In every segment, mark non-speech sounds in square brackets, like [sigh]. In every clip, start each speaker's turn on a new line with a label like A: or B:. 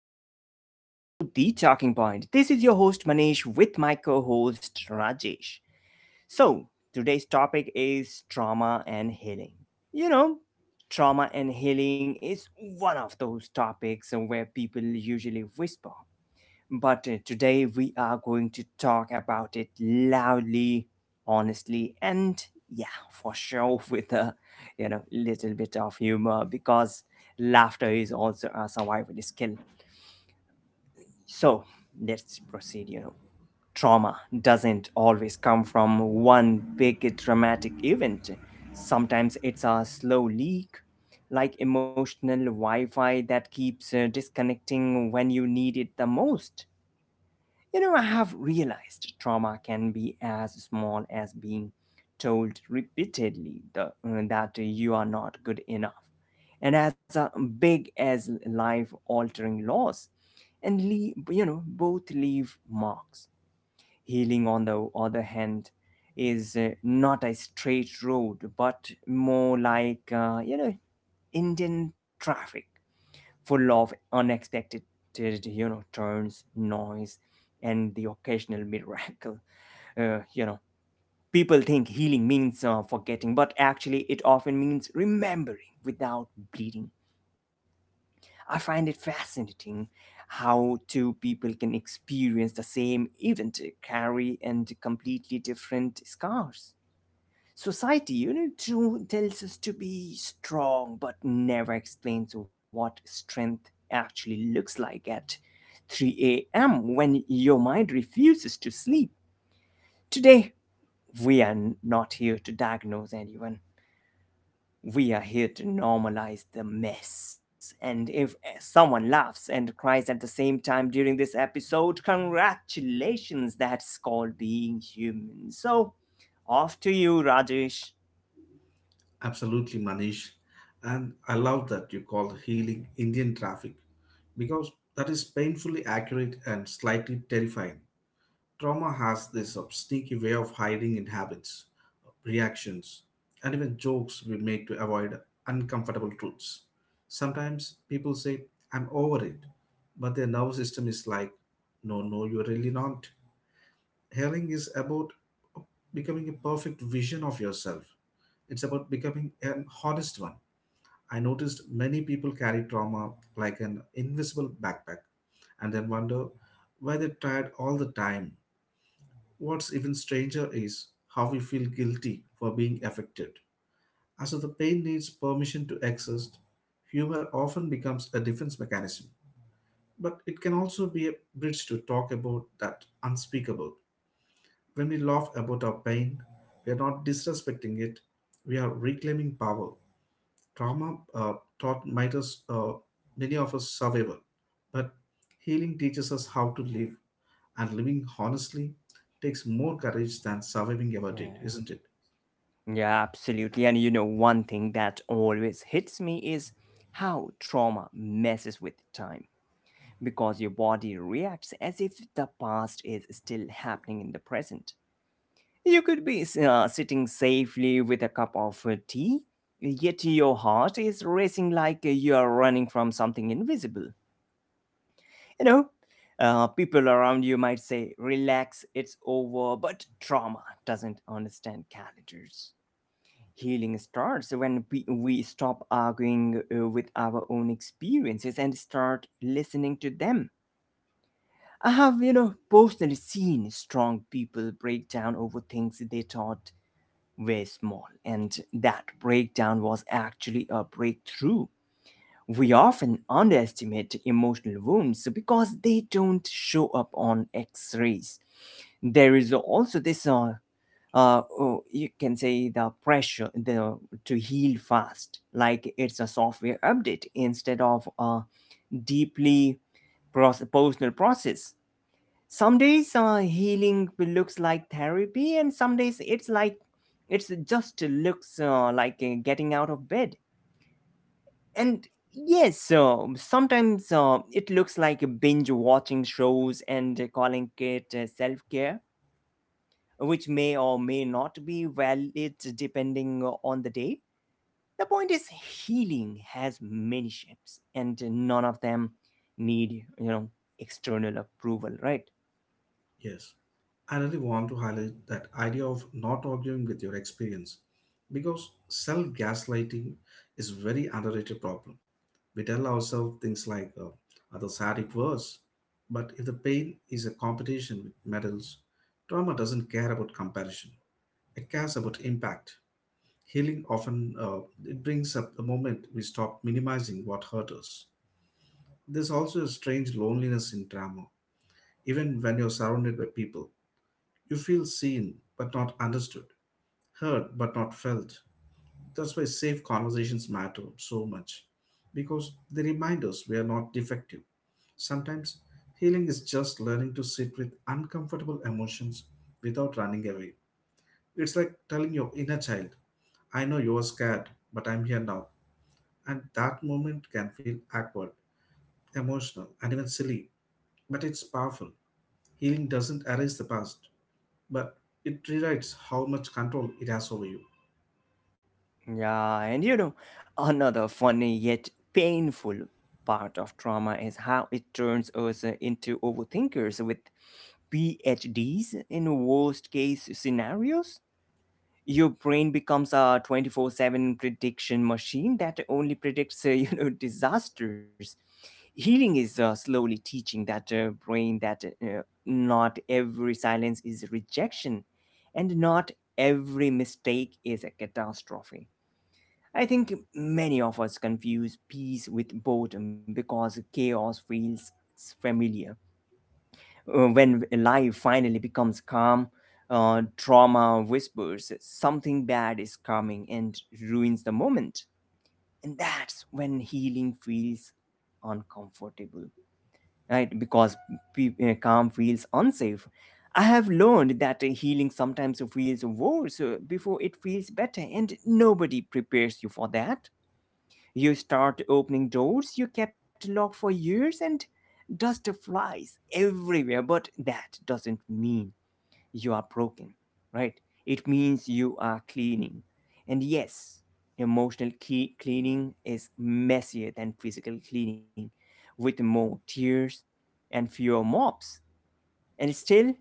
A: listeners in our show The Talking Point. This is your host Manish with my co-host Rajesh. So, today's topic is trauma and healing. You know, trauma and healing is one of those topics where people usually whisper, but today we are going to talk about it loudly, honestly, and yeah, for sure [laughs] with a little bit of humor because laughter is also a survival skill. So let's proceed. You know, trauma doesn't always come from one big dramatic event. Sometimes it's a slow leak, like emotional Wi-Fi that keeps disconnecting when you need it the most. You know, I have realized trauma can be as small as being told repeatedly that you are not good enough, and as a big as life altering loss, and leave, you know, both leave marks. Healing, on the other hand, is not a straight road, but more like, Indian traffic, full of unexpected, you know, turns, noise, and the occasional miracle. [laughs] Uh, you know, People think healing means forgetting, but actually, it often means remembering without bleeding. I find it fascinating how two people can experience the same event, carry and completely different scars. Society, you know, too, tells us to be strong, but never explains what strength actually looks like at 3 a.m. when your mind refuses to sleep. Today, we are not here to diagnose anyone. We are here to normalize the mess. And if someone laughs and cries at the same time during this episode, congratulations, that's called being human. So, off to you, Rajesh.
B: Absolutely, Manish. And I love that you call healing Indian traffic because that is painfully accurate and slightly terrifying. Trauma has this sneaky way of hiding in habits, reactions, and even jokes we make to avoid uncomfortable truths. Sometimes people say, I'm over it, but their nervous system is like, no, no, you're really not. Healing is about becoming a perfect vision of yourself. It's about becoming an honest one. I noticed many people carry trauma like an invisible backpack and then wonder why they're tired all the time. What's even stranger is how we feel guilty for being affected. As if the pain needs permission to exist, humor often becomes a defense mechanism. But it can also be a bridge to talk about that unspeakable. When we laugh about our pain, we are not disrespecting it, we are reclaiming power. Trauma taught might us, many of us survival, but healing teaches us how to live, and living honestly takes more courage than surviving ever
A: Yeah.
B: did, isn't it?
A: Yeah, absolutely. And you know, one thing that always hits me is how trauma messes with time, because your body reacts as if the past is still happening in the present. You could be sitting safely with a cup of tea, yet your heart is racing like you are running from something invisible. You know, people around you might say, relax, it's over, but trauma doesn't understand calendars. Healing starts when we stop arguing with our own experiences and start listening to them. I have, you know, personally seen strong people break down over things they thought were small, and that breakdown was actually a breakthrough. We often underestimate emotional wounds because they don't show up on x rays. There is also this oh, you can say the pressure the to heal fast like it's a software update instead of a deeply personal process. Some days healing looks like therapy, and some days it's like it's just looks like getting out of bed, and yes, so sometimes it looks like binge watching shows and calling it self-care, which may or may not be valid depending on the day. The point is, healing has many shapes, and none of them need, you know, external approval, right?
B: Yes, I really want to highlight that idea of not arguing with your experience because self gaslighting is a very underrated problem. We tell ourselves things like, others had it worse. But if the pain is a competition with medals, trauma doesn't care about comparison. It cares about impact. Healing often it brings up the moment we stop minimizing what hurt us. There's also a strange loneliness in trauma, even when you're surrounded by people you feel seen but not understood, heard but not felt. That's why safe conversations matter so much because they remind us we are not defective. Sometimes healing is just learning to sit with uncomfortable emotions without running away. It's like telling your inner child, I know you were scared, but I'm here now. And that moment can feel awkward, emotional, and even silly, but it's powerful. Healing doesn't erase the past, but it rewrites how much control it has over you.
A: Yeah, and you know, another funny yet painful part of trauma is how it turns us into overthinkers with PhDs in worst case scenarios. Your brain becomes a 24/7 prediction machine that only predicts [laughs] you know disasters. Healing is slowly teaching that brain that not every silence is rejection, and not every mistake is a catastrophe. I think many of us confuse peace with boredom because chaos feels familiar. When life finally becomes calm, trauma whispers something bad is coming and ruins the moment. And that's when healing feels uncomfortable, right? Because calm feels unsafe. I have learned that healing sometimes feels worse before it feels better, and nobody prepares you for that. You start opening doors you kept locked for years and dust flies everywhere, but that doesn't mean you are broken, right? It means you are cleaning. And yes, emotional cleaning is messier than physical cleaning, with more tears and fewer mops. And still,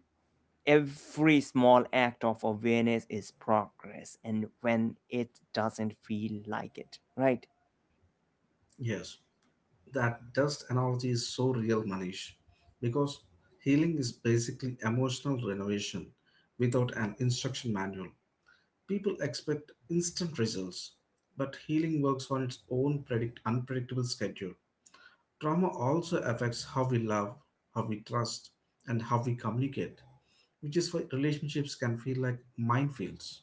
A: every small act of awareness is progress, and when it doesn't feel like it, right?
B: Yes, that dust analogy is so real, Manish, because healing is basically emotional renovation without an instruction manual. People expect instant results, but healing works on its own unpredictable schedule. Trauma also affects how we love, how we trust, and how we communicate, which is why relationships can feel like minefields.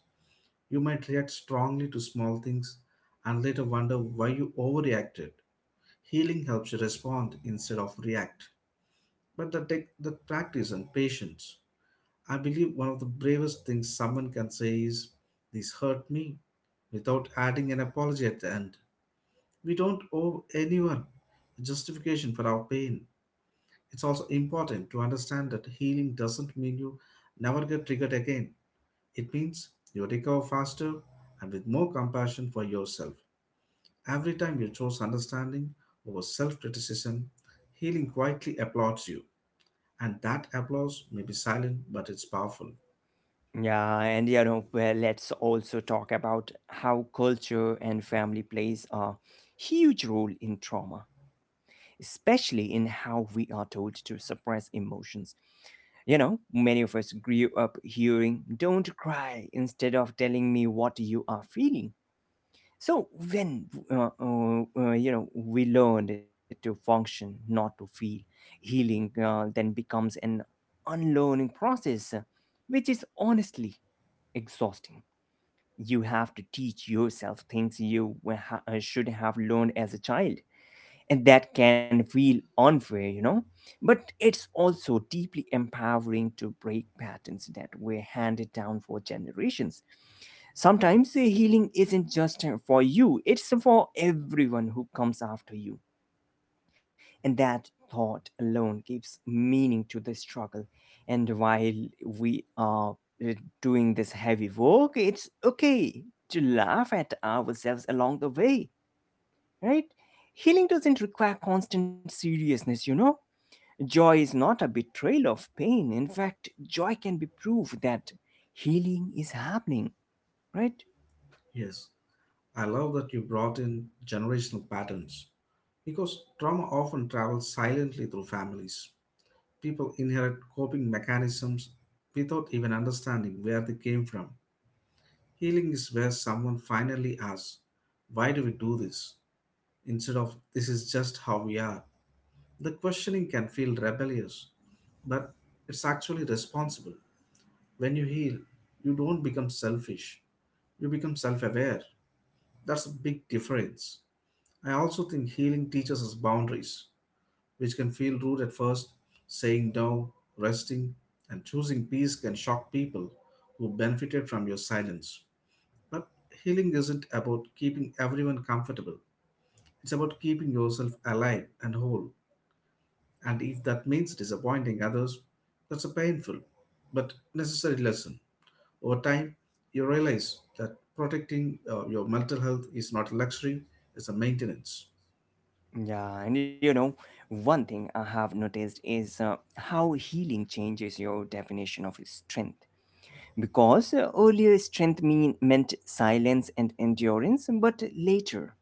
B: You might react strongly to small things and later wonder why you overreacted. Healing helps you respond instead of react. But the take the practice and patience. I believe one of the bravest things someone can say is, this hurt me, without adding an apology at the end. We don't owe anyone a justification for our pain. It's also important to understand that healing doesn't mean you never get triggered again. It means you recover faster and with more compassion for yourself. Every time you choose understanding over self criticism, healing quietly applauds you, and that applause may be silent but it's powerful.
A: Yeah, and you know, well, let's also talk about how culture and family plays a huge role in trauma, especially in how we are told to suppress emotions. You know, many of us grew up hearing, don't cry, instead of telling me what you are feeling. So when, uh, uh, you know, we learned to function, not to feel. Healing then becomes an unlearning process, which is honestly exhausting. You have to teach yourself things you should have learned as a child, and that can feel unfair, you know. But it's also deeply empowering to break patterns that were handed down for generations. Sometimes the healing isn't just for you, it's for everyone who comes after you, and that thought alone gives meaning to the struggle. And while we are uh, doing this heavy work, it's okay to laugh at ourselves along the way, right? Healing doesn't require constant seriousness, you know? Joy is not a betrayal of pain. In fact, joy can be proof that healing is happening, right?
B: Yes, I love that you brought in generational patterns because trauma often travels silently through families. People inherit coping mechanisms without even understanding where they came from. Healing is where someone finally asks, why do we do this? Instead of this is just how we are. The questioning can feel rebellious but it's actually responsible. When you heal, you don't become selfish, you become self aware. That's a big difference. I also think healing teaches us boundaries, which can feel rude at first. Saying no, resting, and choosing peace can shock people who benefited from your silence. But healing isn't about keeping everyone comfortable, it's about keeping yourself alive and whole. And if that means disappointing others, that's a painful but necessary lesson. Over time, you realize that protecting your mental health is not a luxury, it's a maintenance.
A: Yeah, and you know, one thing I have noticed is how healing changes your definition of strength. Because earlier strength meant silence and endurance, but later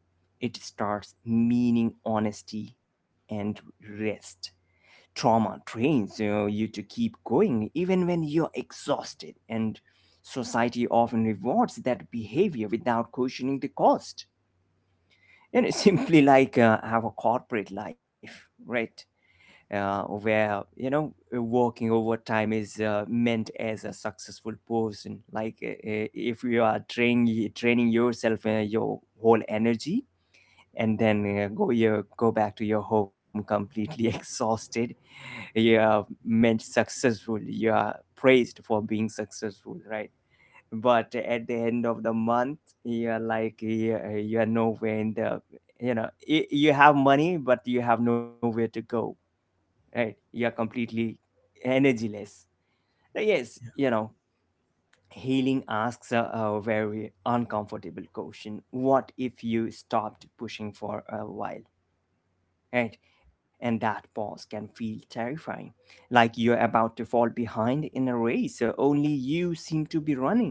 A: it starts meaning honesty and rest. Trauma trains you to keep going even when you're exhausted, and society often rewards that behavior without questioning the cost. And it's [laughs] simply like our corporate life, right? Where you know working overtime is meant as a successful person, like if you are training yourself your whole energy, and then go back to your home completely [laughs] exhausted, you are meant successful, you are praised for being successful, right? But at the end of the month you're like you're nowhere in the, you know, you have money but you have nowhere to go, right? You're completely energyless. Now, yes, you know, healing asks a very uncomfortable question. What if you stopped pushing for a while, right? And that pause can feel terrifying, like you're about to fall behind in a race. So only you seem to be running.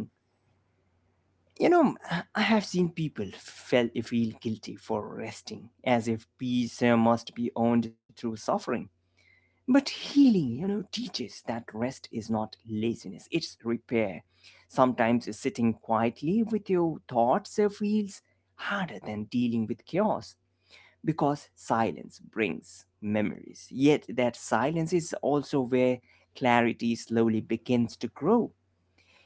A: You know, I have seen people feel guilty for resting, as if peace must be owned through suffering. But healing, you know, teaches that rest is not laziness, it's repair. Sometimes sitting quietly with your thoughts feels harder than dealing with chaos because silence brings memories. Yet that silence is also where clarity slowly begins to grow.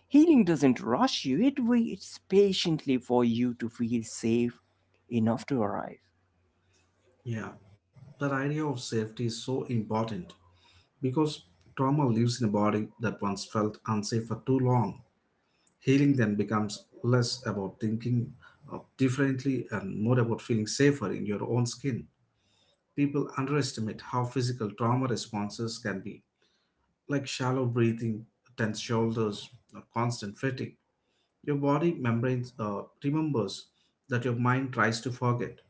A: Healing doesn't rush you, it waits patiently for you to feel safe enough to arrive.
B: Yeah, that idea of safety is so important because trauma lives in a body that once felt unsafe for too long. Healing then becomes less about thinking differently and more about feeling safer in your own skin. People underestimate how physical trauma responses can be, like shallow breathing, tense shoulders, or constant fatigue. Your body membranes remembers that your mind tries to forget.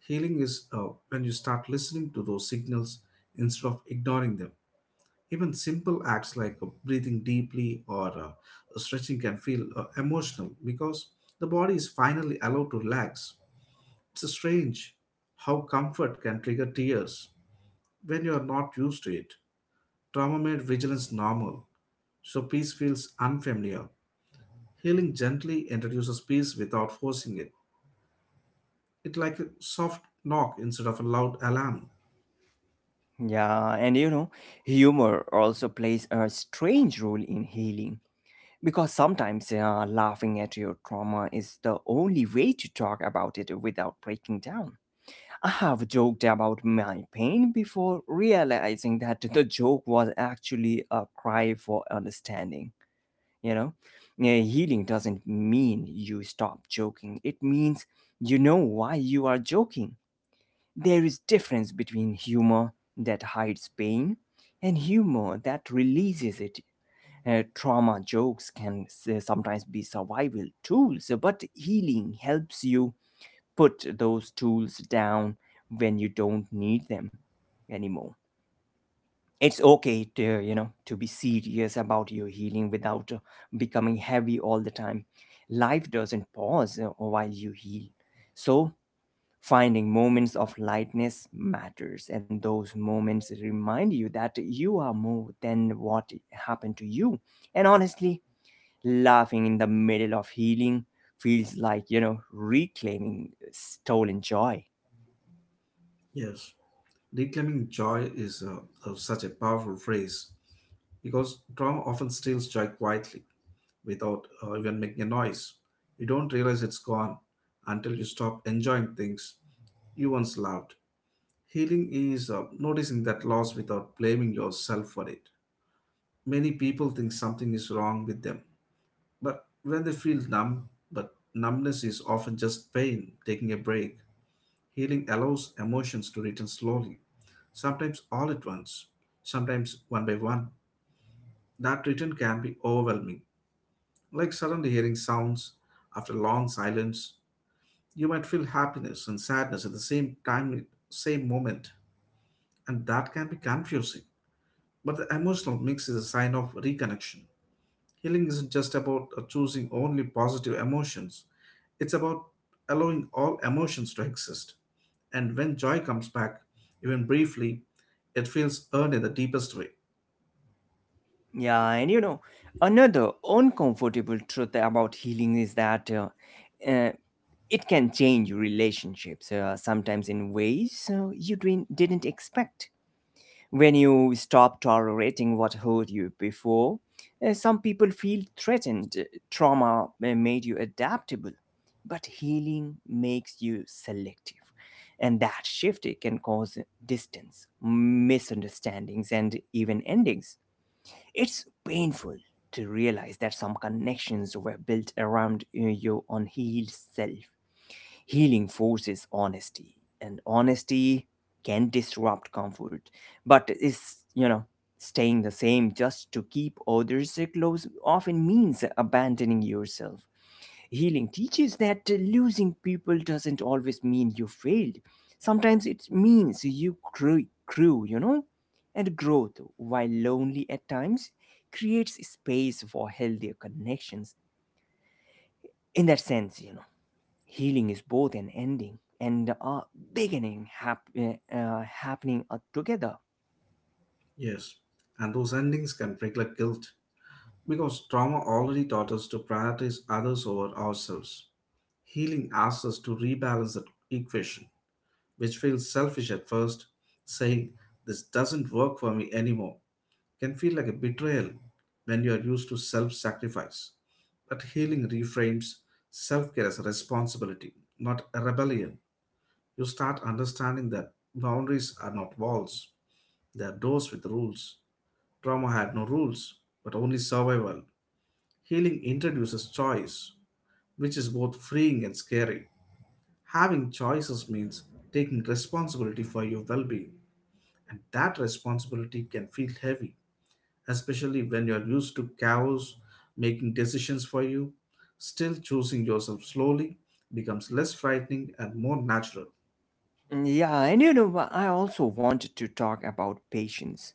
B: Healing is when you start listening to those signals instead of ignoring them. Even simple acts like breathing deeply or stretching can feel emotional because the body is finally allowed to relax. It's strange how comfort can trigger tears when you are not used to it. Trauma made vigilance normal, so peace feels unfamiliar. Healing gently introduces peace without forcing it. It's like a soft knock instead of a loud alarm.
A: Yeah, and you know, humor also plays a strange role in healing because sometimes laughing at your trauma is the only way to talk about it without breaking down. I have joked about my pain before realizing that the joke was actually a cry for understanding, you know? Yeah, healing doesn't mean you stop joking, it means you know why you are joking. There is difference between humor that hides pain and humor that releases it. Trauma jokes can sometimes be survival tools, but healing helps you put those tools down when you don't need them anymore. It's okay to, you know, to be serious about your healing without becoming heavy all the time. Life doesn't pause while you heal. So finding moments of lightness matters, and those moments remind you that you are more than what happened to you. And honestly, laughing in the middle of healing feels like, you know, reclaiming stolen joy.
B: Yes, reclaiming joy is such a powerful phrase because trauma often steals joy quietly without even making a noise. You don't realize it's gone until you stop enjoying things you once loved. Healing is noticing that loss without blaming yourself for it. Many people think something is wrong with them, but when they feel numb, but numbness is often just pain taking a break. Healing allows emotions to return slowly, sometimes all at once, sometimes one by one. That return can be overwhelming, like suddenly hearing sounds after long silence. You might feel happiness and sadness at the same time, same moment, and that can be confusing. But the emotional mix is a sign of reconnection. Healing isn't just about choosing only positive emotions, it's about allowing all emotions to exist. And when joy comes back, even briefly, it feels earned in the deepest way.
A: Yeah, and you know, another uncomfortable truth about healing is that uh, it can change relationships, sometimes in ways you didn't expect. When you stop tolerating what hurt you before, some people feel threatened. Trauma made you adaptable, but healing makes you selective. And that shift, it can cause distance, misunderstandings, and even endings. It's painful to realize that some connections were built around your unhealed self. Healing forces honesty, and honesty can disrupt comfort, but is, you know, staying the same just to keep others close often means abandoning yourself. Healing teaches that losing people doesn't always mean you failed. Sometimes it means you grew, you know? And growth, while lonely at times, creates space for healthier connections. In that sense, you know, healing is both an ending and a beginning happening together.
B: Yes, and those endings can regulate guilt because trauma already taught us to prioritize others over ourselves. Healing asks us to rebalance that equation, which feels selfish at first, saying, this doesn't work for me anymore can feel like a betrayal when you are used to self sacrifice. But healing reframes self care as a responsibility, not a rebellion. You start understanding that boundaries are not walls, they are doors with rules. Trauma had no rules, but only survival. Healing introduces choice, which is both freeing and scary. Having choices means taking responsibility for your well being, and that responsibility can feel heavy especially when you are used to cows making decisions for you. Still, choosing yourself slowly becomes less frightening and more natural.
A: Yeah, and I also wanted to talk about patience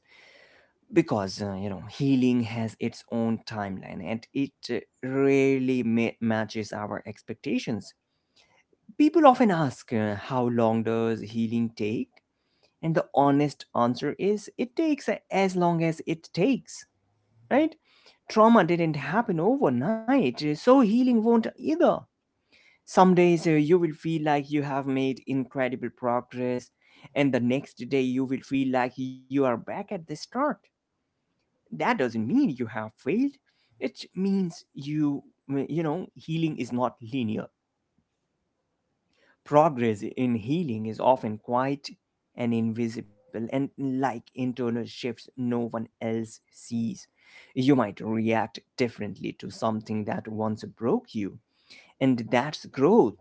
A: because you know, healing has its own timeline and it rarely matches our expectations. People often ask, how long does healing take? And the honest answer is it takes as long as it takes, right? Trauma didn't happen overnight, so healing won't either. Some days you will feel like you have made incredible progress, and the next day you will feel like you are back at the start. That doesn't mean you have failed. It means you know healing is not linear. Progress in healing is often quiet and invisible, and like internal shifts no one else sees. You might react differently to something that once broke you, and that's growth,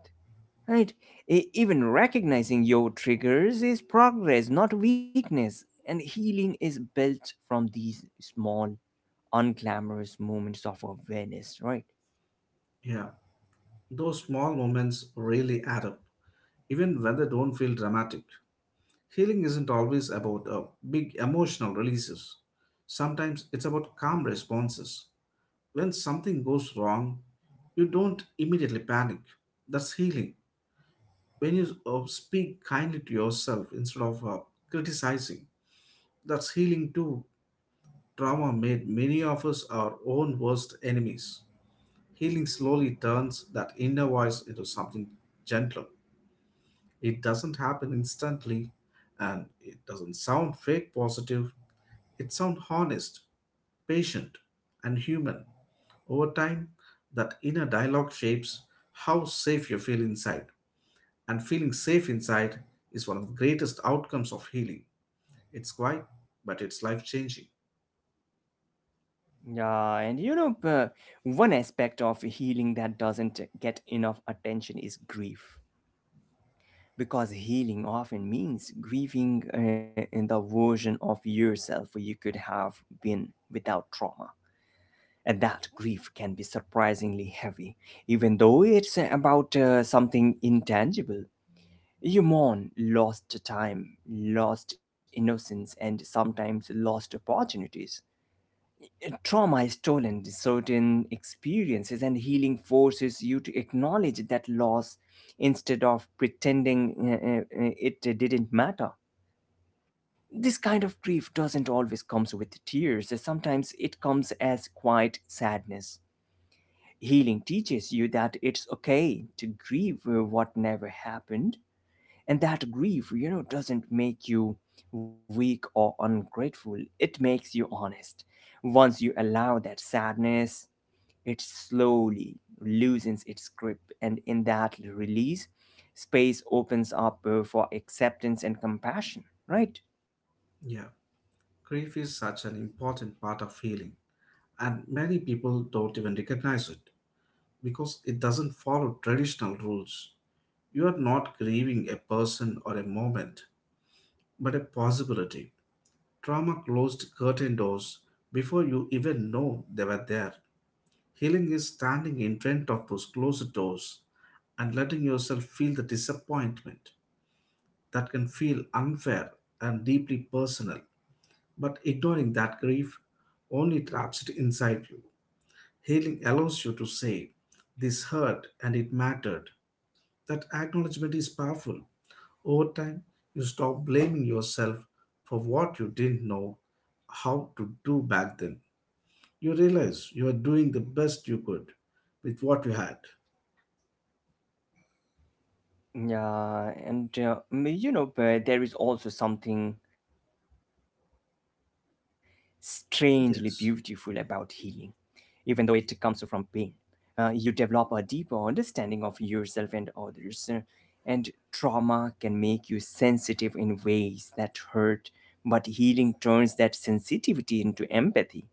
A: right? Even recognizing your triggers is progress, not weakness, and healing is built from these small, unglamorous moments of awareness, right?
B: Yeah, those small moments really add up, even when they don't feel dramatic. Healing isn't always about big emotional releases. Sometimes it's about calm responses. When something goes wrong, you don't immediately panic. That's healing. When you speak kindly to yourself instead of criticizing, that's healing too. Trauma made many of us our own worst enemies. Healing slowly turns that inner voice into something gentler. It doesn't happen instantly and it doesn't sound fake positive. It sounds honest, patient, and human. Over time, that inner dialogue shapes how safe you feel inside. And feeling safe inside is one of the greatest outcomes of healing. It's quiet, but it's life changing.
A: Yeah, and one aspect of healing that doesn't get enough attention is grief. Because healing often means grieving in the version of yourself you could have been without trauma. And that grief can be surprisingly heavy, even though it's about something intangible. You mourn lost time, lost innocence, and sometimes lost opportunities. Trauma is stolen certain experiences, and healing forces you to acknowledge that loss instead of pretending it didn't matter. This kind of grief doesn't always comes with tears. Sometimes it comes as quiet sadness. Healing teaches you that it's okay to grieve what never happened, and that grief doesn't make you weak or ungrateful. It makes you honest. Once you allow that sadness, it slowly loosens its grip, and in that release, space opens up for acceptance and compassion, right?
B: Yeah. Grief is such an important part of healing, and many people don't even recognize it because it doesn't follow traditional rules. You are not grieving a person or a moment, but a possibility. Trauma closed curtain doors before you even know they were there. Healing is standing in front of those closed doors and letting yourself feel the disappointment that can feel unfair and deeply personal. But ignoring that grief only traps it inside you. Healing allows you to say, this hurt and it mattered. That acknowledgement is powerful. Over time, you stop blaming yourself for what you didn't know how to do back then. You realize you are doing the best you could with what you had.
A: Yeah, and but there is also something strangely beautiful about healing,
B: Yes,
A: even though it comes from pain. You develop a deeper understanding of yourself and others, and trauma can make you sensitive in ways that hurt, but healing turns that sensitivity into empathy.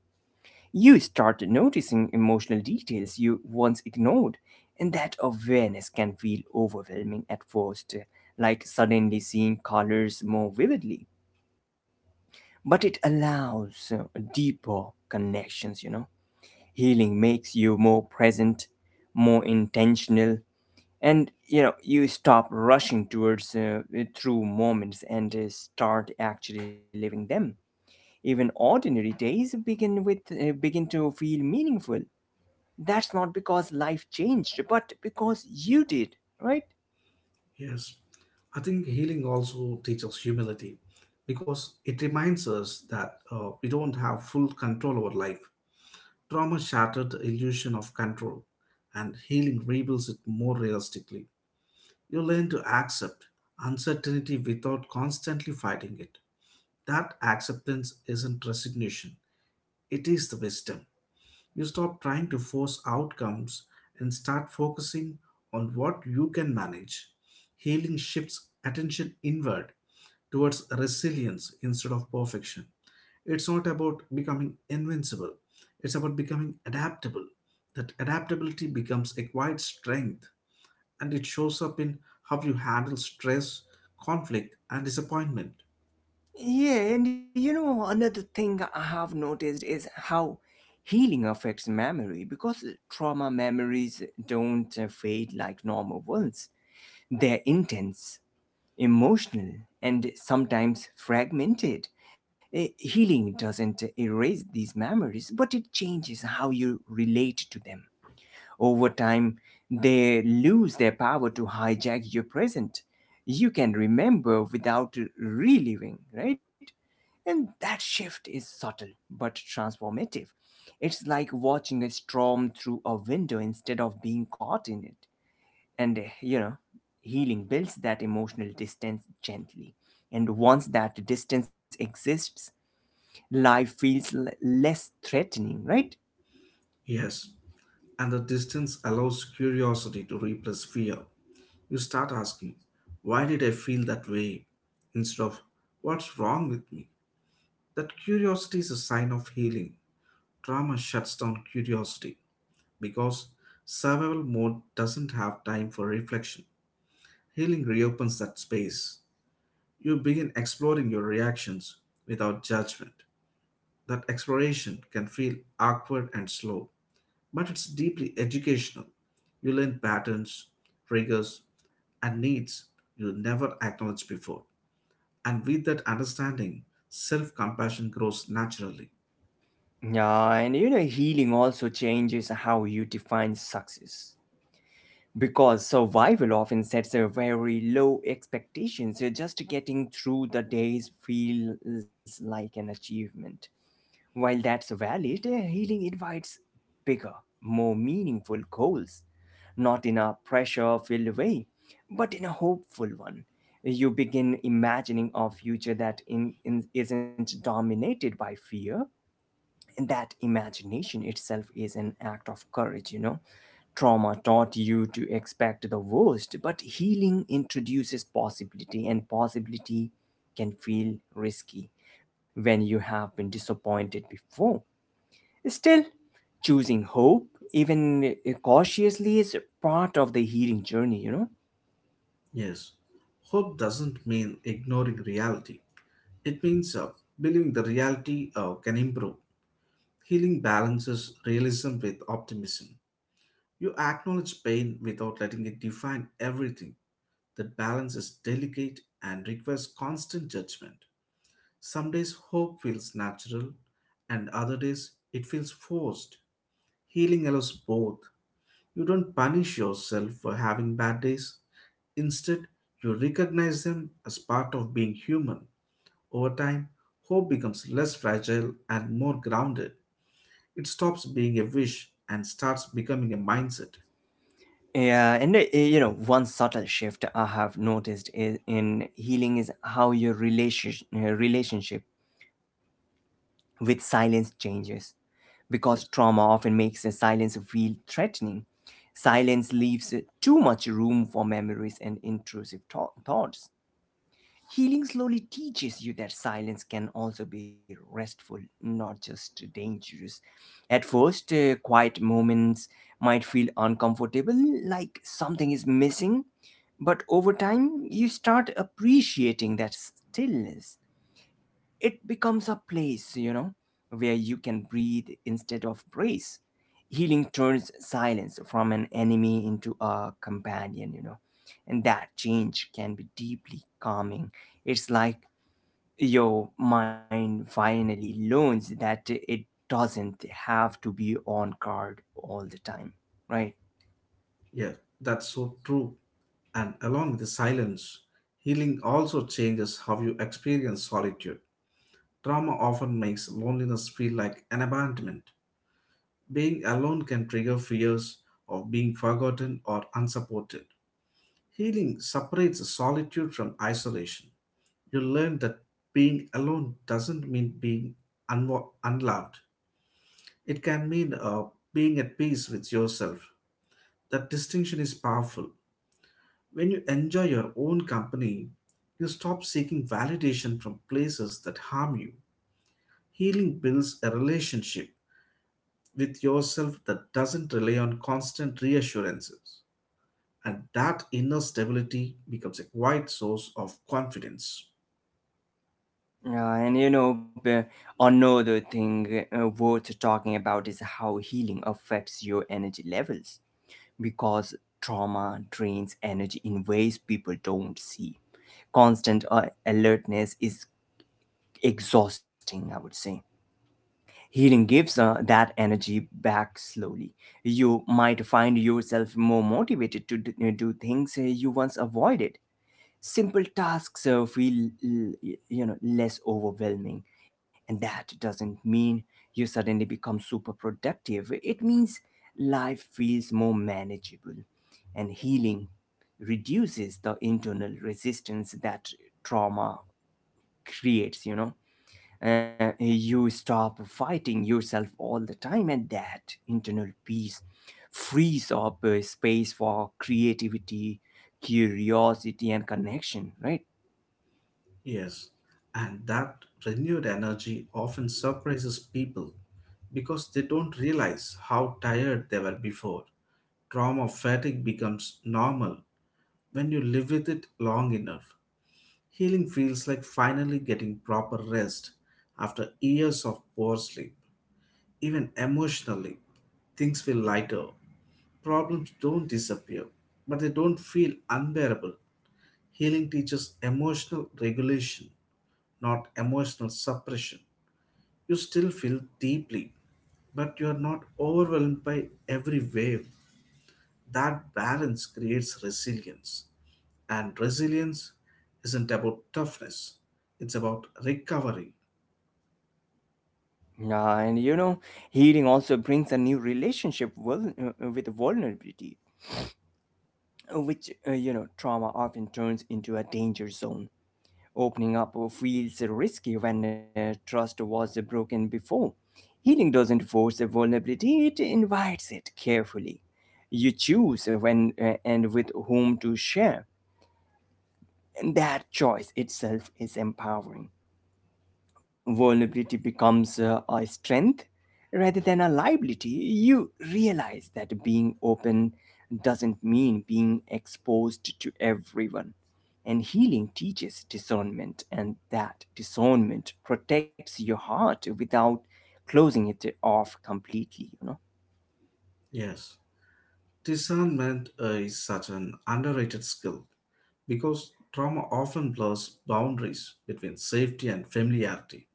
A: You start noticing emotional details you once ignored, and that awareness can feel overwhelming at first, like suddenly seeing colors more vividly. But it allows deeper connections. Healing makes you more present, more intentional, and you stop rushing towards through moments and start actually living them. Even ordinary days begin to feel meaningful. That's not because life changed, but because you did, right?
B: yes. I think healing also teaches humility because it reminds us that we don't have full control over life. Trauma shattered the illusion of control, and healing rebuilds it more realistically. You learn to accept uncertainty without constantly fighting it. That acceptance isn't resignation, it is the wisdom. You stop trying to force outcomes and start focusing on what you can manage. Healing shifts attention inward towards resilience instead of perfection. It's not about becoming invincible, it's about becoming adaptable. That adaptability becomes a quiet strength and it shows up in how you handle stress, conflict, and disappointment.
A: Yeah, and another thing I have noticed is how healing affects memory, because trauma memories don't fade like normal ones. They're intense, emotional, and sometimes fragmented. Healing doesn't erase these memories, but it changes how you relate to them. Over time, they lose their power to hijack your present. You can remember without reliving, right? And that shift is subtle but transformative. It's like watching a storm through a window instead of being caught in it. And healing builds that emotional distance gently, and once that distance exists, life feels less threatening, right?
B: Yes, and the distance allows curiosity to replace fear. You start asking, why did I feel that way? Instead of what's wrong with me? That curiosity is a sign of healing. Trauma shuts down curiosity because survival mode doesn't have time for reflection. Healing reopens that space. You begin exploring your reactions without judgment. That exploration can feel awkward and slow, but it's deeply educational. You learn patterns, triggers, and needs you never acknowledged before. And with that understanding, self compassion grows naturally.
A: Yeah, and healing also changes how you define success, because survival often sets a very low expectation, so just getting through the days feels like an achievement. While that's valid, healing invites bigger, more meaningful goals. Not in a pressure filled way, but in a hopeful one. You begin imagining a future that isn't dominated by fear. And that imagination itself is an act of courage, you know. Trauma taught you to expect the worst, but healing introduces possibility, and possibility can feel risky when you have been disappointed before. Still, choosing hope, even cautiously, is part of the healing journey, you know?
B: Yes, hope doesn't mean ignoring reality, it means believing the reality can improve. Healing balances realism with optimism. You acknowledge pain without letting it define everything. That balance is delicate and requires constant judgment. Some days hope feels natural, and other days it feels forced. Healing allows both. You don't punish yourself for having bad days. Instead, you recognize them as part of being human. Over time, hope becomes less fragile and more grounded. It stops being a wish and starts becoming a mindset.
A: Yeah, and one subtle shift I have noticed is in healing is how your relationship with silence changes. Because
B: Yes.
A: trauma often makes a silence feel threatening. Silence leaves too much room for memories and intrusive thoughts. Healing slowly teaches you that silence can also be restful, not just dangerous. At first, quiet moments might feel uncomfortable, like something is missing, but over time, you start appreciating that stillness. It becomes a place, you know, where you can breathe instead of brace. Healing turns silence from an enemy into a companion, you know, and that change can be deeply calming. It's like your mind finally learns that it doesn't have to be on guard all the time, right?
B: Yes, that's so true. And along with the silence, healing also changes how you experience solitude. Trauma often makes loneliness feel like an abandonment. Being alone can trigger fears of being forgotten or unsupported. Healing separates solitude from isolation. You learn that being alone doesn't mean being unloved. It can mean being at peace with yourself. That distinction is powerful. When you enjoy your own company, you stop seeking validation from places that harm you. Healing builds a relationship with yourself that doesn't rely on constant reassurances. And that inner stability becomes a quiet source of confidence.
A: And another thing worth talking about is how healing affects your energy levels, because trauma drains energy in ways people don't see. Constant alertness is exhausting, I would say. Healing gives that energy back slowly. You might find yourself more motivated to do things you once avoided. Simple tasks feel l- y- you know less overwhelming, and that doesn't mean you suddenly become super productive. It means life feels more manageable, and healing reduces the internal resistance that trauma creates, you know. You stop fighting yourself all the time, and that internal peace frees up space for creativity, curiosity, and connection, right?
B: Yes, and that renewed energy often surprises people because they don't realize how tired they were before. Trauma fatigue becomes normal when you live with it long enough. Healing feels like finally getting proper rest after years of poor sleep. Even emotionally, things feel lighter. Problems don't disappear, but they don't feel unbearable. Healing teaches emotional regulation, not emotional suppression. You still feel deeply, but you are not overwhelmed by every wave. That balance creates resilience. And resilience isn't about toughness, it's about recovery.
A: And healing also brings a new relationship with vulnerability, trauma often turns into a danger zone. Opening up feels risky when trust was broken before. Healing doesn't force a vulnerability, it invites it carefully. You choose when and with whom to share, and that choice itself is empowering. Vulnerability becomes a strength rather than a liability. You realize that being open doesn't mean being exposed to everyone. And healing teaches discernment, and that discernment protects your heart without closing it off completely, you know.
B: Yes, discernment is such an underrated skill because trauma often blurs boundaries between safety and familiarity.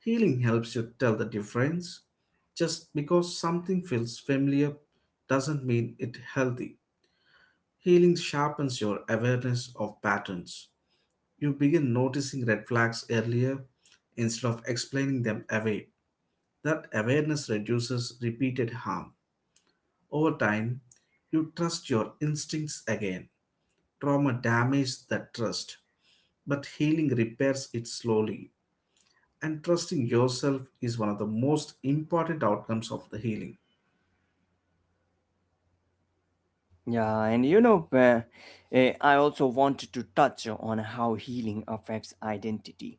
B: Healing helps you tell the difference. Just because something feels familiar doesn't mean it's healthy. Healing sharpens your awareness of patterns. You begin noticing red flags earlier instead of explaining them away. That awareness reduces repeated harm. Over time, you trust your instincts again. Trauma damages that trust, but healing repairs it slowly. And trusting yourself is one of the most important outcomes of the healing.
A: Yeah, and I also wanted to touch on how healing affects identity,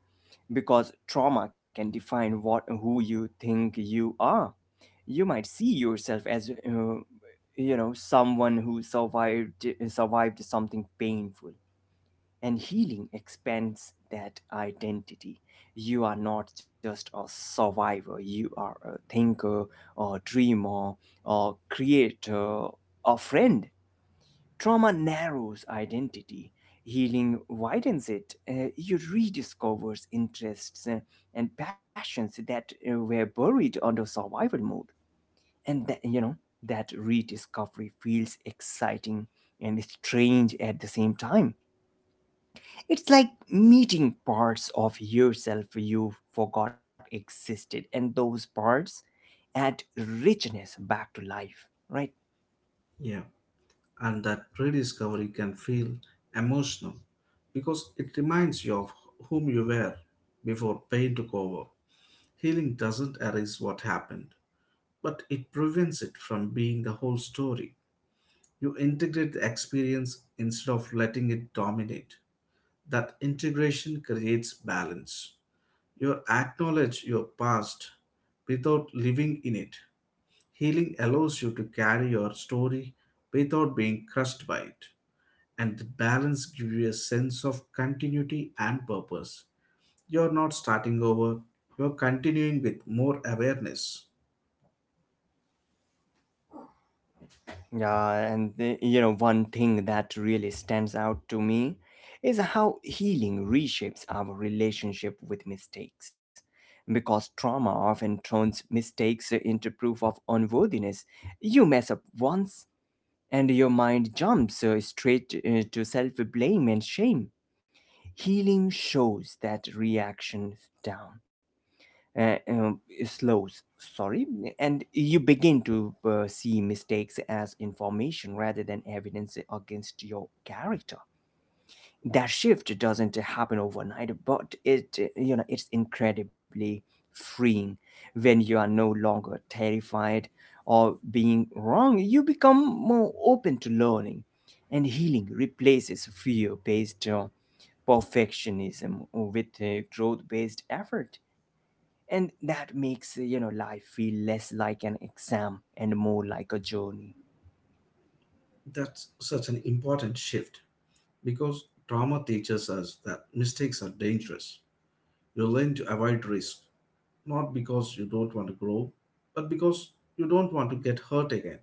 A: because trauma can define what who you think you are. You might see yourself as someone who survived something painful, and healing expands that identity. You are not just a survivor, you are a thinker, a dreamer, a creator, a friend. Trauma narrows identity, healing widens it. Uh, you rediscover interests and passions that were buried under survival mode. And that rediscovery feels exciting and strange at the same time. It's like meeting parts of yourself you forgot existed, and those parts add richness back to life, right?
B: Yeah, and that rediscovery can feel emotional because it reminds you of whom you were before pain took over. Healing doesn't erase what happened, but it prevents it from being the whole story. You integrate the experience instead of letting it dominate. That integration creates balance. You acknowledge your past without living in it. Healing allows you to carry your story without being crushed by it, and the balance gives you a sense of continuity and purpose. You're not starting over, you're continuing with more awareness.
A: Yeah, and one thing that really stands out to me is how healing reshapes our relationship with mistakes. Because trauma often turns mistakes into proof of unworthiness. You mess up once, and your mind jumps straight to self blame and shame. Healing shows that reaction down uh, um, slows sorry and you begin to see mistakes as information rather than evidence against your character. That shift doesn't happen overnight, but it, you know, it's incredibly freeing. When you are no longer terrified or being wrong, you become more open to learning, and healing replaces fear based perfectionism with growth based effort, and that makes, you know, life feel less like an exam and more like a journey.
B: That's such an important shift because trauma teaches us that mistakes are dangerous. You learn to avoid risk, not because you don't want to grow, but because you don't want to get hurt again.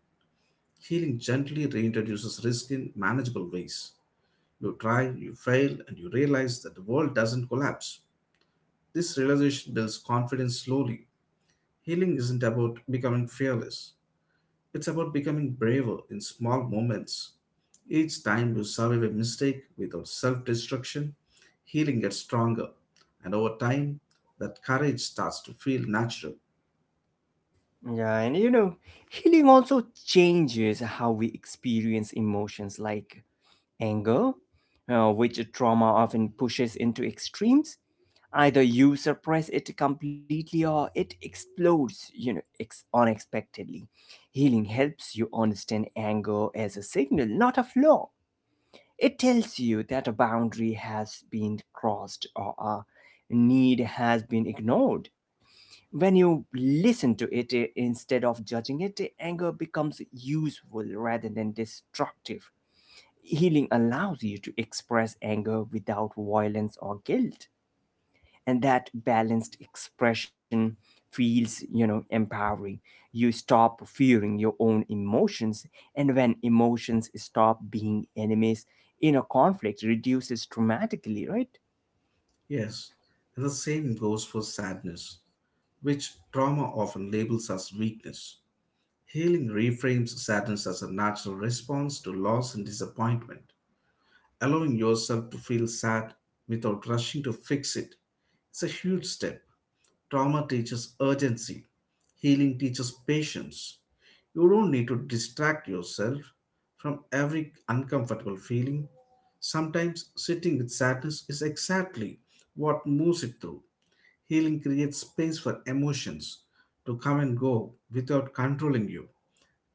B: Healing gently reintroduces risk in manageable ways. You try, you fail, and you realize that the world doesn't collapse. This realization builds confidence slowly. Healing isn't about becoming fearless, it's about becoming braver in small moments. Each time you survive a mistake without self destruction, healing gets stronger, and over time, that courage starts to feel natural.
A: Yeah, and healing also changes how we experience emotions like anger, which trauma often pushes into extremes. Either you suppress it completely, or it explodes, you know, unexpectedly. Healing helps you understand anger as a signal, not a flaw. It tells you that a boundary has been crossed or a need has been ignored. When you listen to it, instead of judging it, anger becomes useful rather than destructive. Healing allows you to express anger without violence or guilt, and that balanced expression feels, you know, empowering. You stop fearing your own emotions, and when emotions stop being enemies, inner conflict reduces dramatically, right?
B: Yes, and the same goes for sadness, which trauma often labels as weakness. Healing reframes sadness as a natural response to loss and disappointment. Allowing yourself to feel sad without rushing to fix it is a huge step. Trauma teaches urgency, healing teaches patience. You don't need to distract yourself from every uncomfortable feeling. Sometimes sitting with sadness is exactly what moves it through. Healing creates space for emotions to come and go without controlling you.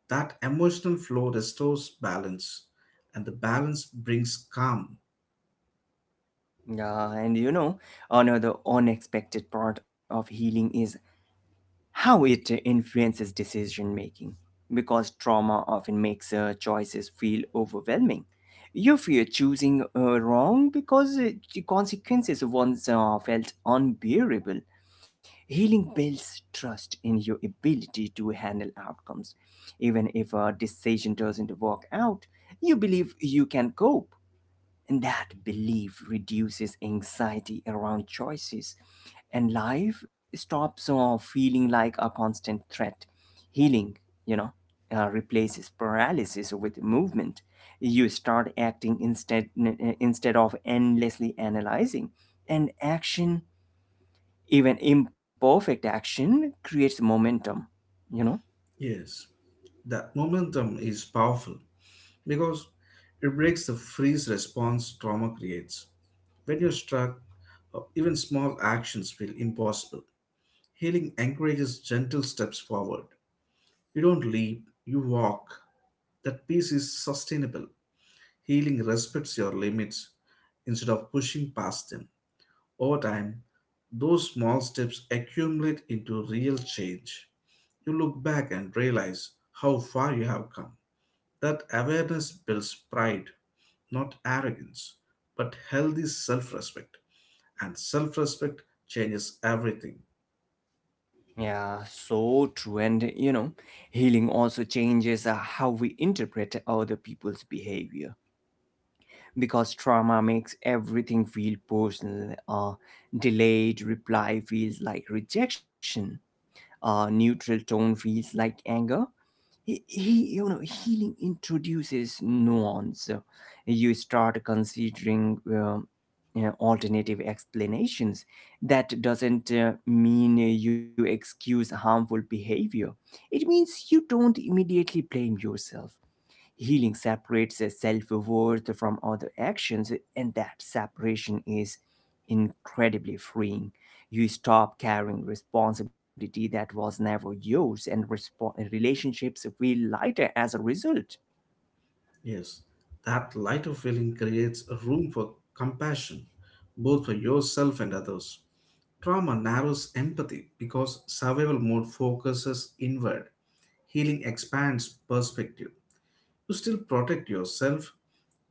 B: That emotional flow restores balance, and the balance brings calm.
A: Yeah, and another unexpected part of healing is how it influences decision making, because trauma often makes choices feel overwhelming. You fear choosing wrong because the consequences once felt unbearable. Healing builds trust in your ability to handle outcomes. Even if a decision doesn't work out, you believe you can cope. And that belief reduces anxiety around choices, and life stops feeling like a constant threat. Healing, you know, replaces paralysis with movement. You start acting instead of endlessly analyzing, and action, even imperfect action, creates momentum, you know.
B: Yes, that momentum is powerful because it breaks the freeze response trauma creates. When you're struck, even small actions feel impossible. Healing encourages gentle steps forward. You don't leap, you walk. That peace is sustainable. Healing respects your limits instead of pushing past them. Over time, those small steps accumulate into real change. You look back and realize how far you have come. That awareness builds pride, not arrogance, but healthy self respect. And self respect changes everything.
A: Yeah, so true. And healing also changes how we interpret other people's behavior, because trauma makes everything feel personal. Delayed reply feels like rejection. Neutral tone feels like anger. Healing introduces nuance. You start considering alternative explanations. That doesn't mean you excuse harmful behavior. It means you don't immediately blame yourself. Healing separates self worth from other actions, and that separation is incredibly freeing. You stop carrying responsibility that was never yours, and relationships feel lighter as a result.
B: Yes, that lighter feeling creates a room for compassion, both for yourself and others. Trauma narrows empathy because survival mode focuses inward. Healing expands perspective. You still protect yourself,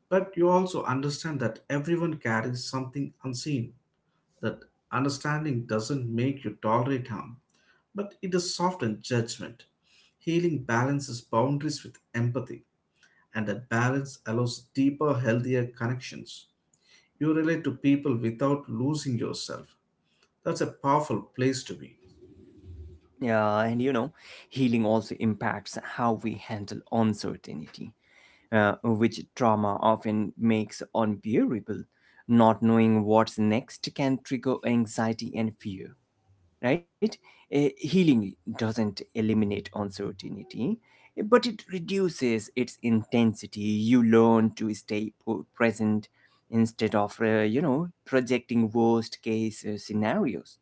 B: but you also understand that everyone carries something unseen. That understanding doesn't make you tolerate harm, but it does soften judgment. Healing balances boundaries with empathy, and that balance allows deeper, healthier connections. You relate to people without losing yourself. That's a powerful place to be.
A: Yeah, and healing also impacts how we handle uncertainty, which trauma often makes unbearable. Not knowing what's next can trigger anxiety and fear, right? Healing doesn't eliminate uncertainty, but it reduces its intensity. You learn to stay present instead of, projecting worst case scenarios.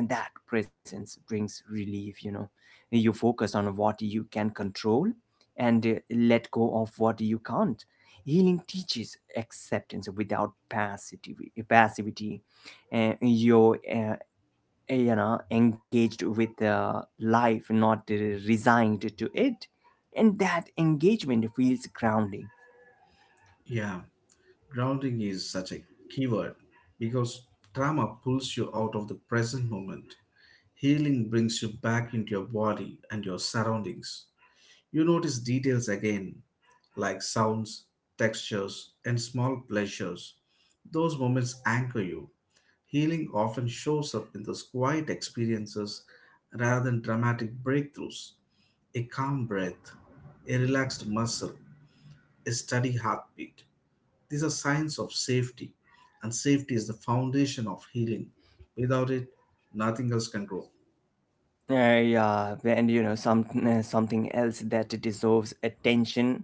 A: And that presence brings relief, you know. You focus on what you can control and let go of what you can't. Healing teaches acceptance without passivity, your eh, you know engaged with life, not resigned to it, and that engagement feels grounding.
B: Yeah, grounding is such a key word because trauma pulls you out of the present moment. Healing brings you back into your body and your surroundings. You notice details again, like sounds, textures, and small pleasures. Those moments anchor you. Healing often shows up in those quiet experiences rather than dramatic breakthroughs. A calm breath, a relaxed muscle, a steady heartbeat. These are signs of safety, and safety is the foundation of healing. Without it, nothing else can grow.
A: Yeah, and something else that deserves attention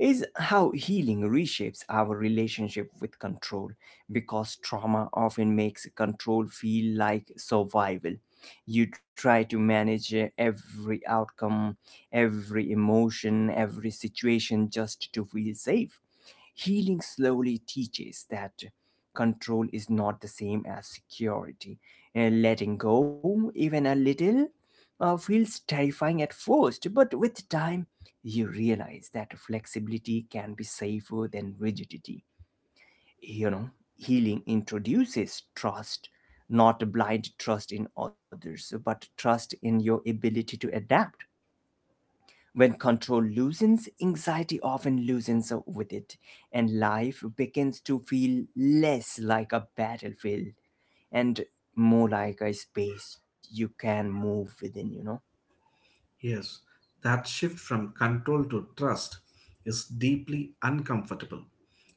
A: is how healing reshapes our relationship with control, because trauma often makes control feel like survival. You try to manage every outcome, every emotion, every situation just to feel safe. Healing slowly teaches that control is not the same as security. And letting go, even a little, feels terrifying at first, but with time, you realize that flexibility can be safer than rigidity. You know, healing introduces trust, not blind trust in others, but trust in your ability to adapt. When control loosens, anxiety often loosens up with it, and life begins to feel less like a battlefield and more like a space you can move within, you know.
B: Yes, that shift from control to trust is deeply uncomfortable,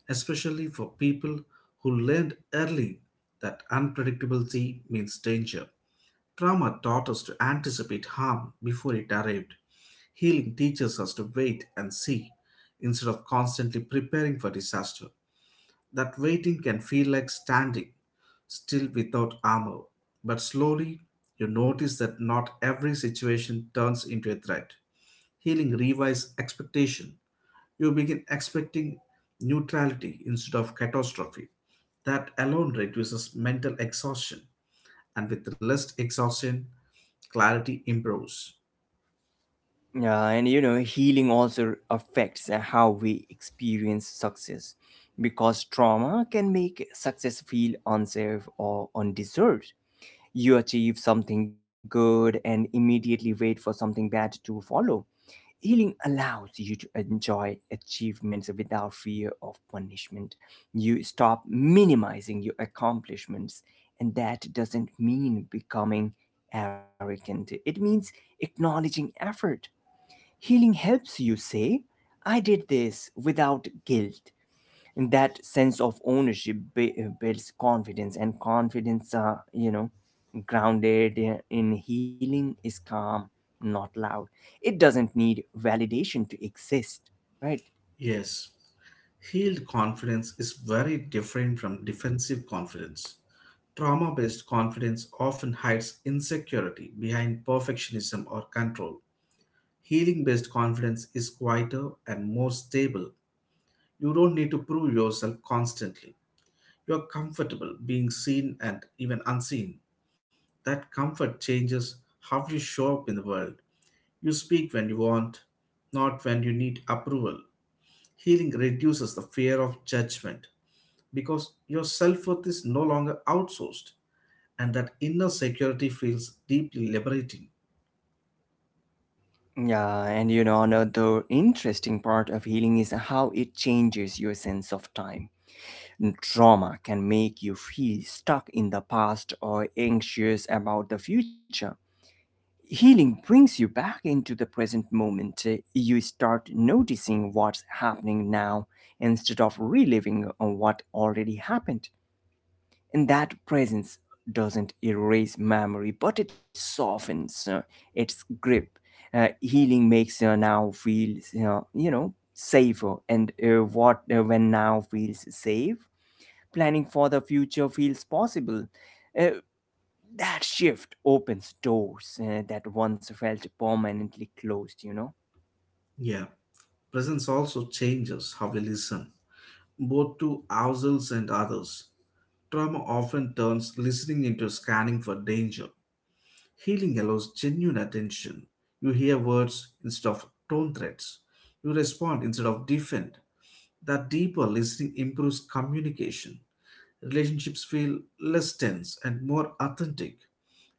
B: especially for people who learned early that unpredictability means danger. Trauma taught us to anticipate harm before it arrived. Healing teaches us to wait and see instead of constantly preparing for disaster. That waiting can feel like standing still without armor, but slowly you notice that not every situation turns into a threat. Healing rewires expectation. You begin expecting neutrality instead of catastrophe. That alone reduces mental exhaustion, and with less exhaustion, clarity improves.
A: Yeah, and you know, healing also affects how we experience success, because trauma can make success feel unsafe or undeserved. You achieve something good and immediately wait for something bad to follow. Healing allows you to enjoy achievements without fear of punishment. You stop minimizing your accomplishments, and that doesn't mean becoming arrogant. It means acknowledging effort. Healing helps you say, "I did this" without guilt. And that sense of ownership builds confidence, and confidence, grounded in healing, is calm, not loud. It doesn't need validation to exist, right?
B: Yes, healed confidence is very different from defensive confidence. Trauma based confidence often hides insecurity behind perfectionism or control. Healing based confidence is quieter and more stable. You don't need to prove yourself constantly. You're comfortable being seen and even unseen. That comfort changes how you show up in the world. You speak when you want, not when you need approval. Healing reduces the fear of judgment because your self worth is no longer outsourced, and that inner security feels deeply liberating.
A: Yeah, and you know, another interesting part of healing is how it changes your sense of time. Trauma can make you feel stuck in the past or anxious about the future. Healing brings you back into the present moment. You start noticing what's happening now instead of reliving what already happened. And that presence doesn't erase memory, but it softens its grip. Healing makes now feel, safer. And what when now feels safe, planning for the future feels possible. Uh, that shift opens doors that once felt permanently closed, you know.
B: Yeah, presence also changes how we listen, both to ourselves and others. Trauma often turns listening into scanning for danger. Healing allows genuine attention. You hear words instead of tone threats. You respond instead of defend. That deeper listening improves communication. Relationships feel less tense and more authentic.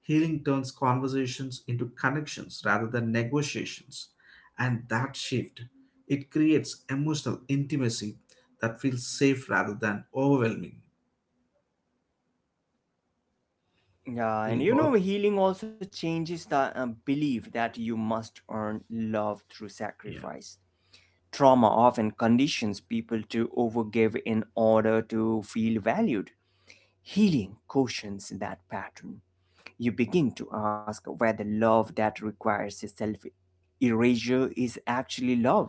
B: Healing turns conversations into connections rather than negotiations. And that shift, it creates emotional intimacy that feels safe rather than overwhelming.
A: Yeah, and
B: Healing
A: you know,
B: all
A: healing also changes the belief that you must earn love through
B: yeah.
A: sacrifice. Trauma often conditions people to overgive in order to feel valued. Healing cautions that pattern. You begin to ask whether love that requires self erasure is actually love.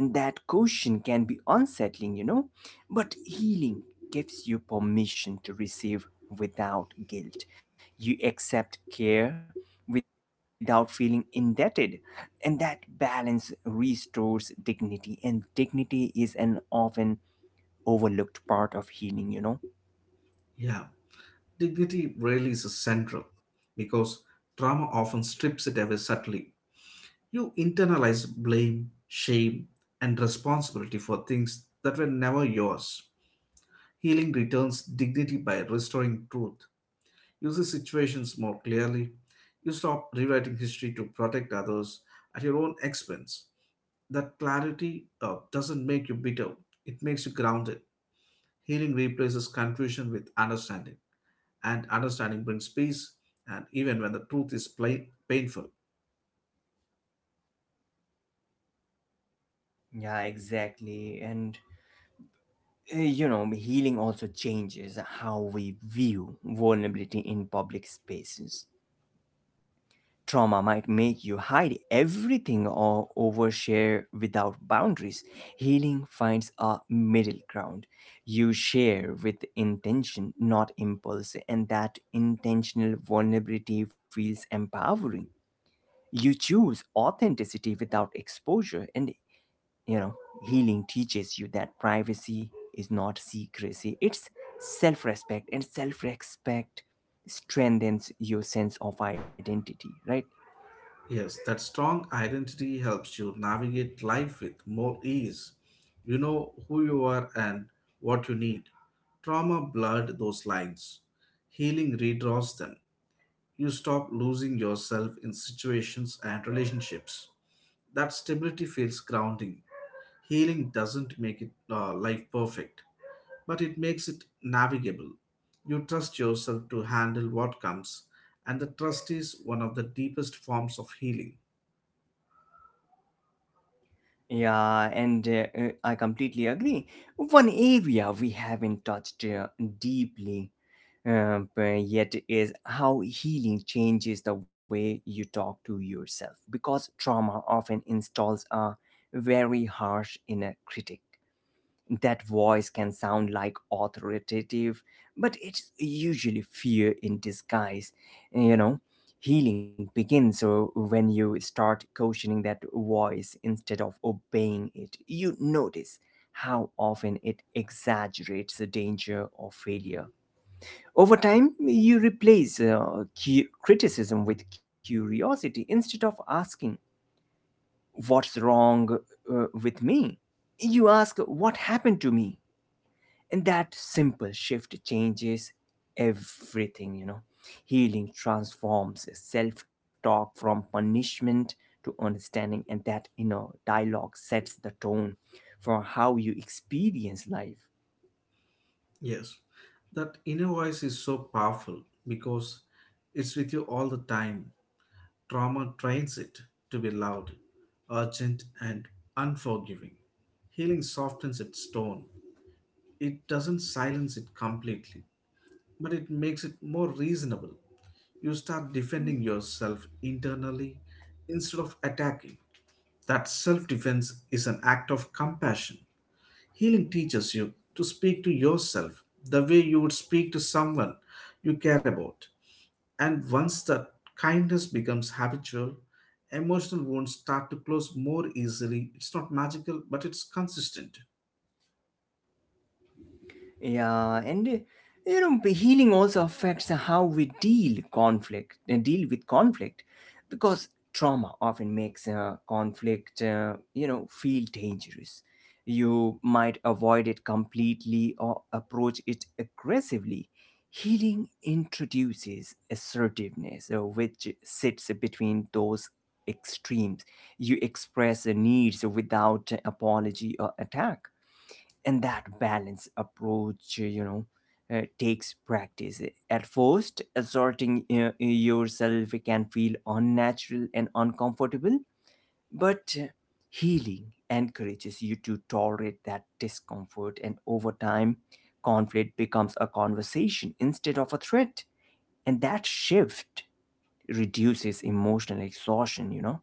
A: And that question can be unsettling, you know, but healing gives you permission to receive without guilt. You accept care without feeling indebted, and that balance restores dignity, and dignity is an often overlooked part of healing, you know.
B: Yeah. Dignity really is central because trauma often strips it away subtly. You internalize blame, shame, and responsibility for things that were never yours. Healing returns dignity by restoring truth. You see situations more clearly. You stop rewriting history to protect others at your own expense. That clarity doesn't make you bitter, it makes you grounded. Healing replaces confusion with understanding, and understanding brings peace, and even when the truth is plain, painful.
A: Yeah, exactly. And you know, healing also changes how we view vulnerability in public spaces. Trauma might make you hide everything or overshare without boundaries. Healing finds a middle ground. You share with intention, not impulse, and that intentional vulnerability feels empowering. You choose authenticity without exposure, and you know, healing teaches you that privacy is not secrecy, it's self respect, and self respect strengthens your sense of identity, right?
B: Yes, that strong identity helps you navigate life with more ease. You know who you are and what you need. Trauma blurred those lines. Healing redraws them. You stop losing yourself in situations and relationships. That stability feels grounding. Healing doesn't make it life perfect, but it makes it navigable. You trust yourself to handle what comes, and the trust is one of the deepest forms of healing.
A: Yeah, and I completely agree. One area we haven't touched deeply but yet is how healing changes the way you talk to yourself, because trauma often installs a very harsh inner critic. That voice can sound like authoritative, but it's usually fear in disguise. You know, healing begins when you start questioning that voice instead of obeying it. You notice how often it exaggerates the danger or failure. Over time, you replace criticism with curiosity. Instead of asking, "What's wrong with me?" you ask, "What happened to me?" And that simple shift changes everything, you know. Healing transforms self talk from punishment to understanding, and that inner dialogue sets the tone for how you experience life.
B: Yes, that inner voice is so powerful because it's with you all the time. Trauma trains it to be loud, urgent, and unforgiving. Healing softens its tone. It doesn't silence it completely, but it makes it more reasonable. You start defending yourself internally instead of attacking. That self defense is an act of compassion. Healing teaches you to speak to yourself the way you would speak to someone you care about. And once that kindness becomes habitual, emotional wounds start to close more easily. It's not magical, but it's consistent.
A: Yeah, and you know, healing also affects how we deal with conflict, because trauma often makes conflict you know feel dangerous. You might avoid it completely or approach it aggressively. Healing introduces assertiveness, which sits between those extremes. You express the needs without apology or attack, and that balance approach, takes practice. At first, asserting yourself can feel unnatural and uncomfortable, but healing encourages you to tolerate that discomfort, and over time conflict becomes a conversation instead of a threat, and that shift reduces emotional exhaustion, you know.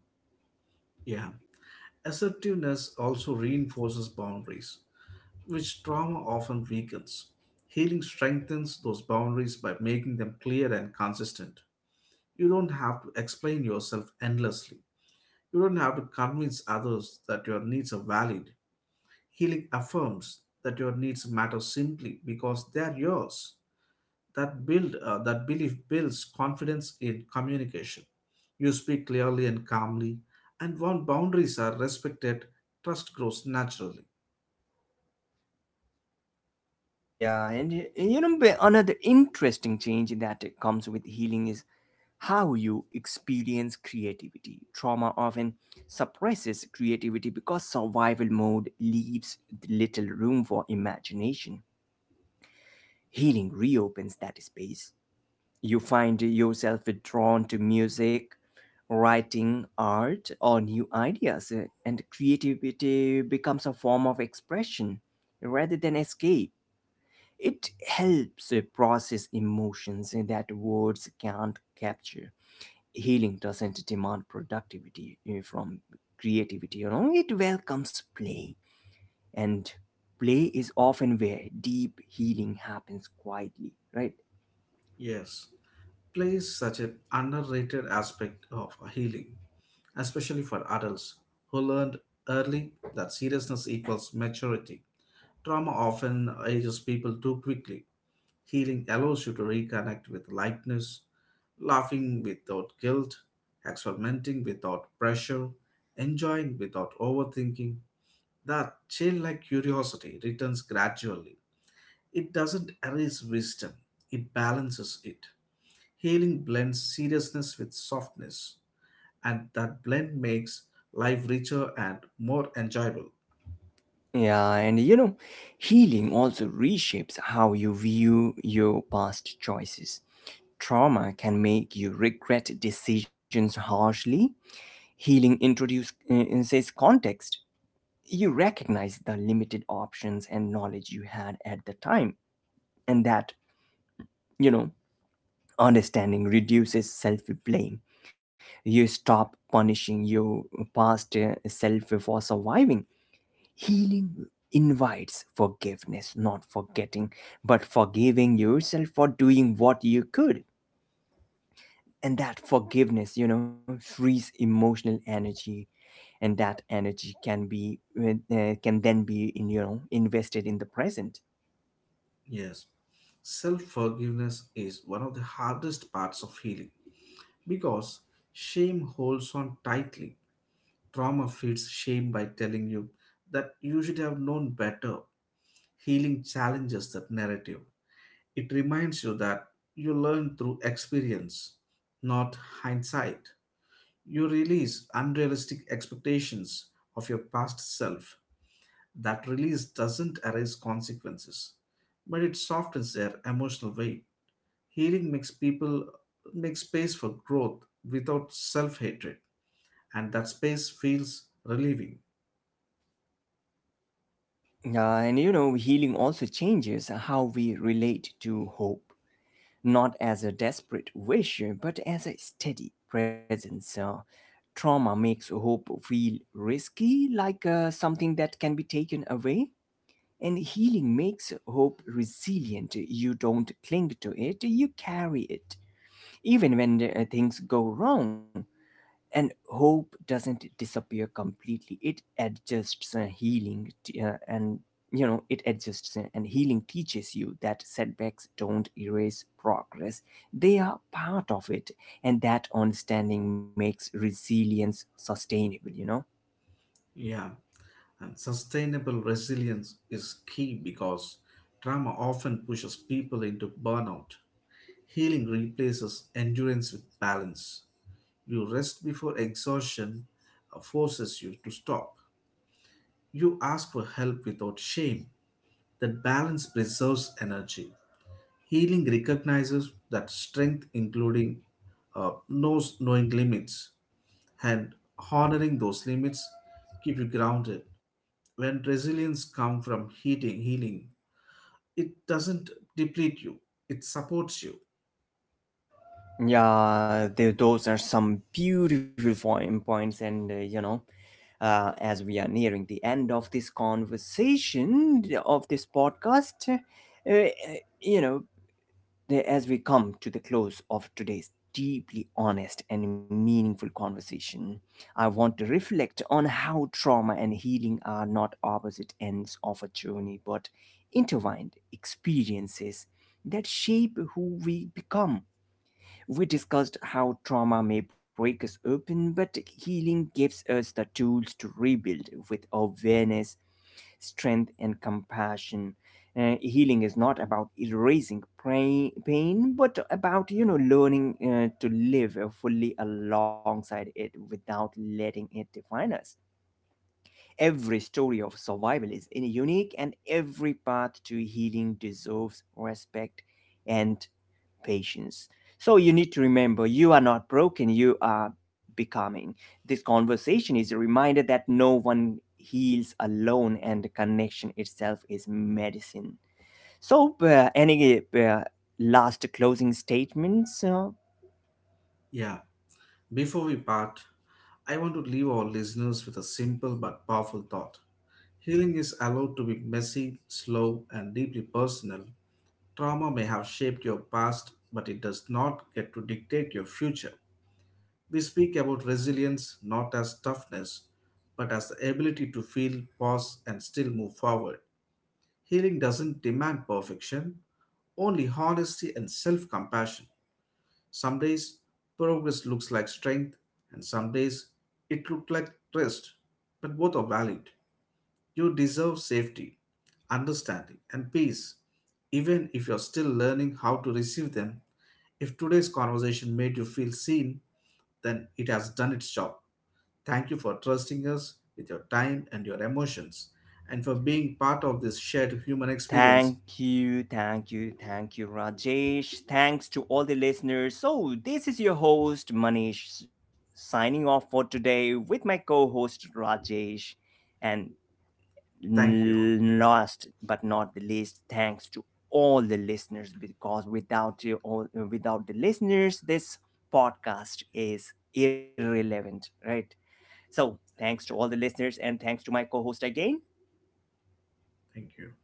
B: Yeah. Assertiveness also reinforces boundaries, which trauma often weakens. Healing strengthens those boundaries by making them clear and consistent. You don't have to explain yourself endlessly. You don't have to convince others that your needs are valid. Healing affirms that your needs matter simply because they are yours. That belief builds confidence in communication. You speak clearly and calmly, and when boundaries are respected, trust grows naturally.
A: Yeah, and you know, another interesting change that comes with healing is how you experience creativity. Trauma often suppresses creativity because survival mode leaves little room for imagination. Healing reopens that space. You find yourself drawn to music, writing, art, or new ideas, and creativity becomes a form of expression rather than escape. It helps process emotions that words can't capture. Healing doesn't demand productivity from creativity, you know, it welcomes play, and play is often where deep healing happens quietly, right?
B: Yes, play is such an underrated aspect of healing, especially for adults who learned early that seriousness equals maturity. Trauma often ages people too quickly. Healing allows you to reconnect with lightness, laughing without guilt, experimenting without pressure, enjoying without overthinking. That childlike curiosity returns gradually. It doesn't erase wisdom, it balances it. Healing blends seriousness with softness, and that blend makes life richer and more enjoyable.
A: Yeah, and you know, healing also reshapes how you view your past choices. Trauma can make you regret decisions harshly. Healing introduces says context. You recognize the limited options and knowledge you had at the time, and that, you know, understanding reduces self blame. You stop punishing your past self for surviving. Healing invites forgiveness, not forgetting, but forgiving yourself for doing what you could. And that forgiveness, you know, frees emotional energy, and that energy can be can then be, in, you know, invested in the present.
B: Yes, self forgiveness is one of the hardest parts of healing because shame holds on tightly. Trauma feeds shame by telling you that you should have known better. Healing challenges that narrative. It reminds you that you learn through experience, not hindsight. You release unrealistic expectations of your past self. That release doesn't erase consequences, but it softens their emotional weight. Healing makes people make space for growth without self hatred, and that space feels relieving.
A: And you know, healing also changes how we relate to hope, not as a desperate wish, but as a steady presence. Trauma makes hope feel risky, like something that can be taken away. And healing makes hope resilient. You don't cling to it, you carry it. Even when things go wrong, and hope doesn't disappear completely, it adjusts. And you know, it adjusts, and healing teaches you that setbacks don't erase progress, they are part of it, and that understanding makes resilience sustainable, you know.
B: Yeah, and sustainable resilience is key because trauma often pushes people into burnout. Healing replaces endurance with balance. You rest before exhaustion forces you to stop. You ask for help without shame. That balance preserves energy. Healing recognizes that strength, including knows knowing limits, and honoring those limits keep you grounded. When resilience comes from healing, it doesn't deplete you; it supports you.
A: Yeah, those are some beautiful points, and you know, as we are nearing the end of this conversation, of this podcast, you know there as we come to the close of today's deeply honest and meaningful conversation, I want to reflect on how trauma and healing are not opposite ends of a journey, but intertwined experiences that shape who we become. We discussed how trauma may break us open, but healing gives us the tools to rebuild with awareness, strength, and compassion. Healing is not about erasing pain, but about, you know, learning to live fully alongside it without letting it define us. Every story of survival is unique, and every path to healing deserves respect and patience. So you need to remember, you are not broken, you are becoming. This conversation is a reminder that no one heals alone, and the connection itself is medicine. So, any last closing statements?
B: Yeah. Before we part, I want to leave our listeners with a simple but powerful thought. Healing is allowed to be messy, slow, and deeply personal. Trauma may have shaped your past, but it does not get to dictate your future. We speak about resilience not as toughness, but as the ability to feel, pause, and still move forward. Healing doesn't demand perfection, only honesty and self compassion. Some days, progress looks like strength, and some days, it looks like rest, but both are valid. You deserve safety, understanding, and peace, even if you're still learning how to receive them. If today's conversation made you feel seen, then it has done its job. Thank you for trusting us with your time and your emotions, and for being part of this shared human experience.
A: Thank you, thank you, thank you, Rajesh. Thanks to all the listeners. So, this is your host, Manish, signing off for today with my co host, Rajesh. And
B: Thank you all.
A: Last but not the least, thanks to all the listeners, because without you all, without the listeners, this podcast is irrelevant, right? So thanks to
B: Right.
A: all the listeners, and thanks to my co-host again.
B: Thank you.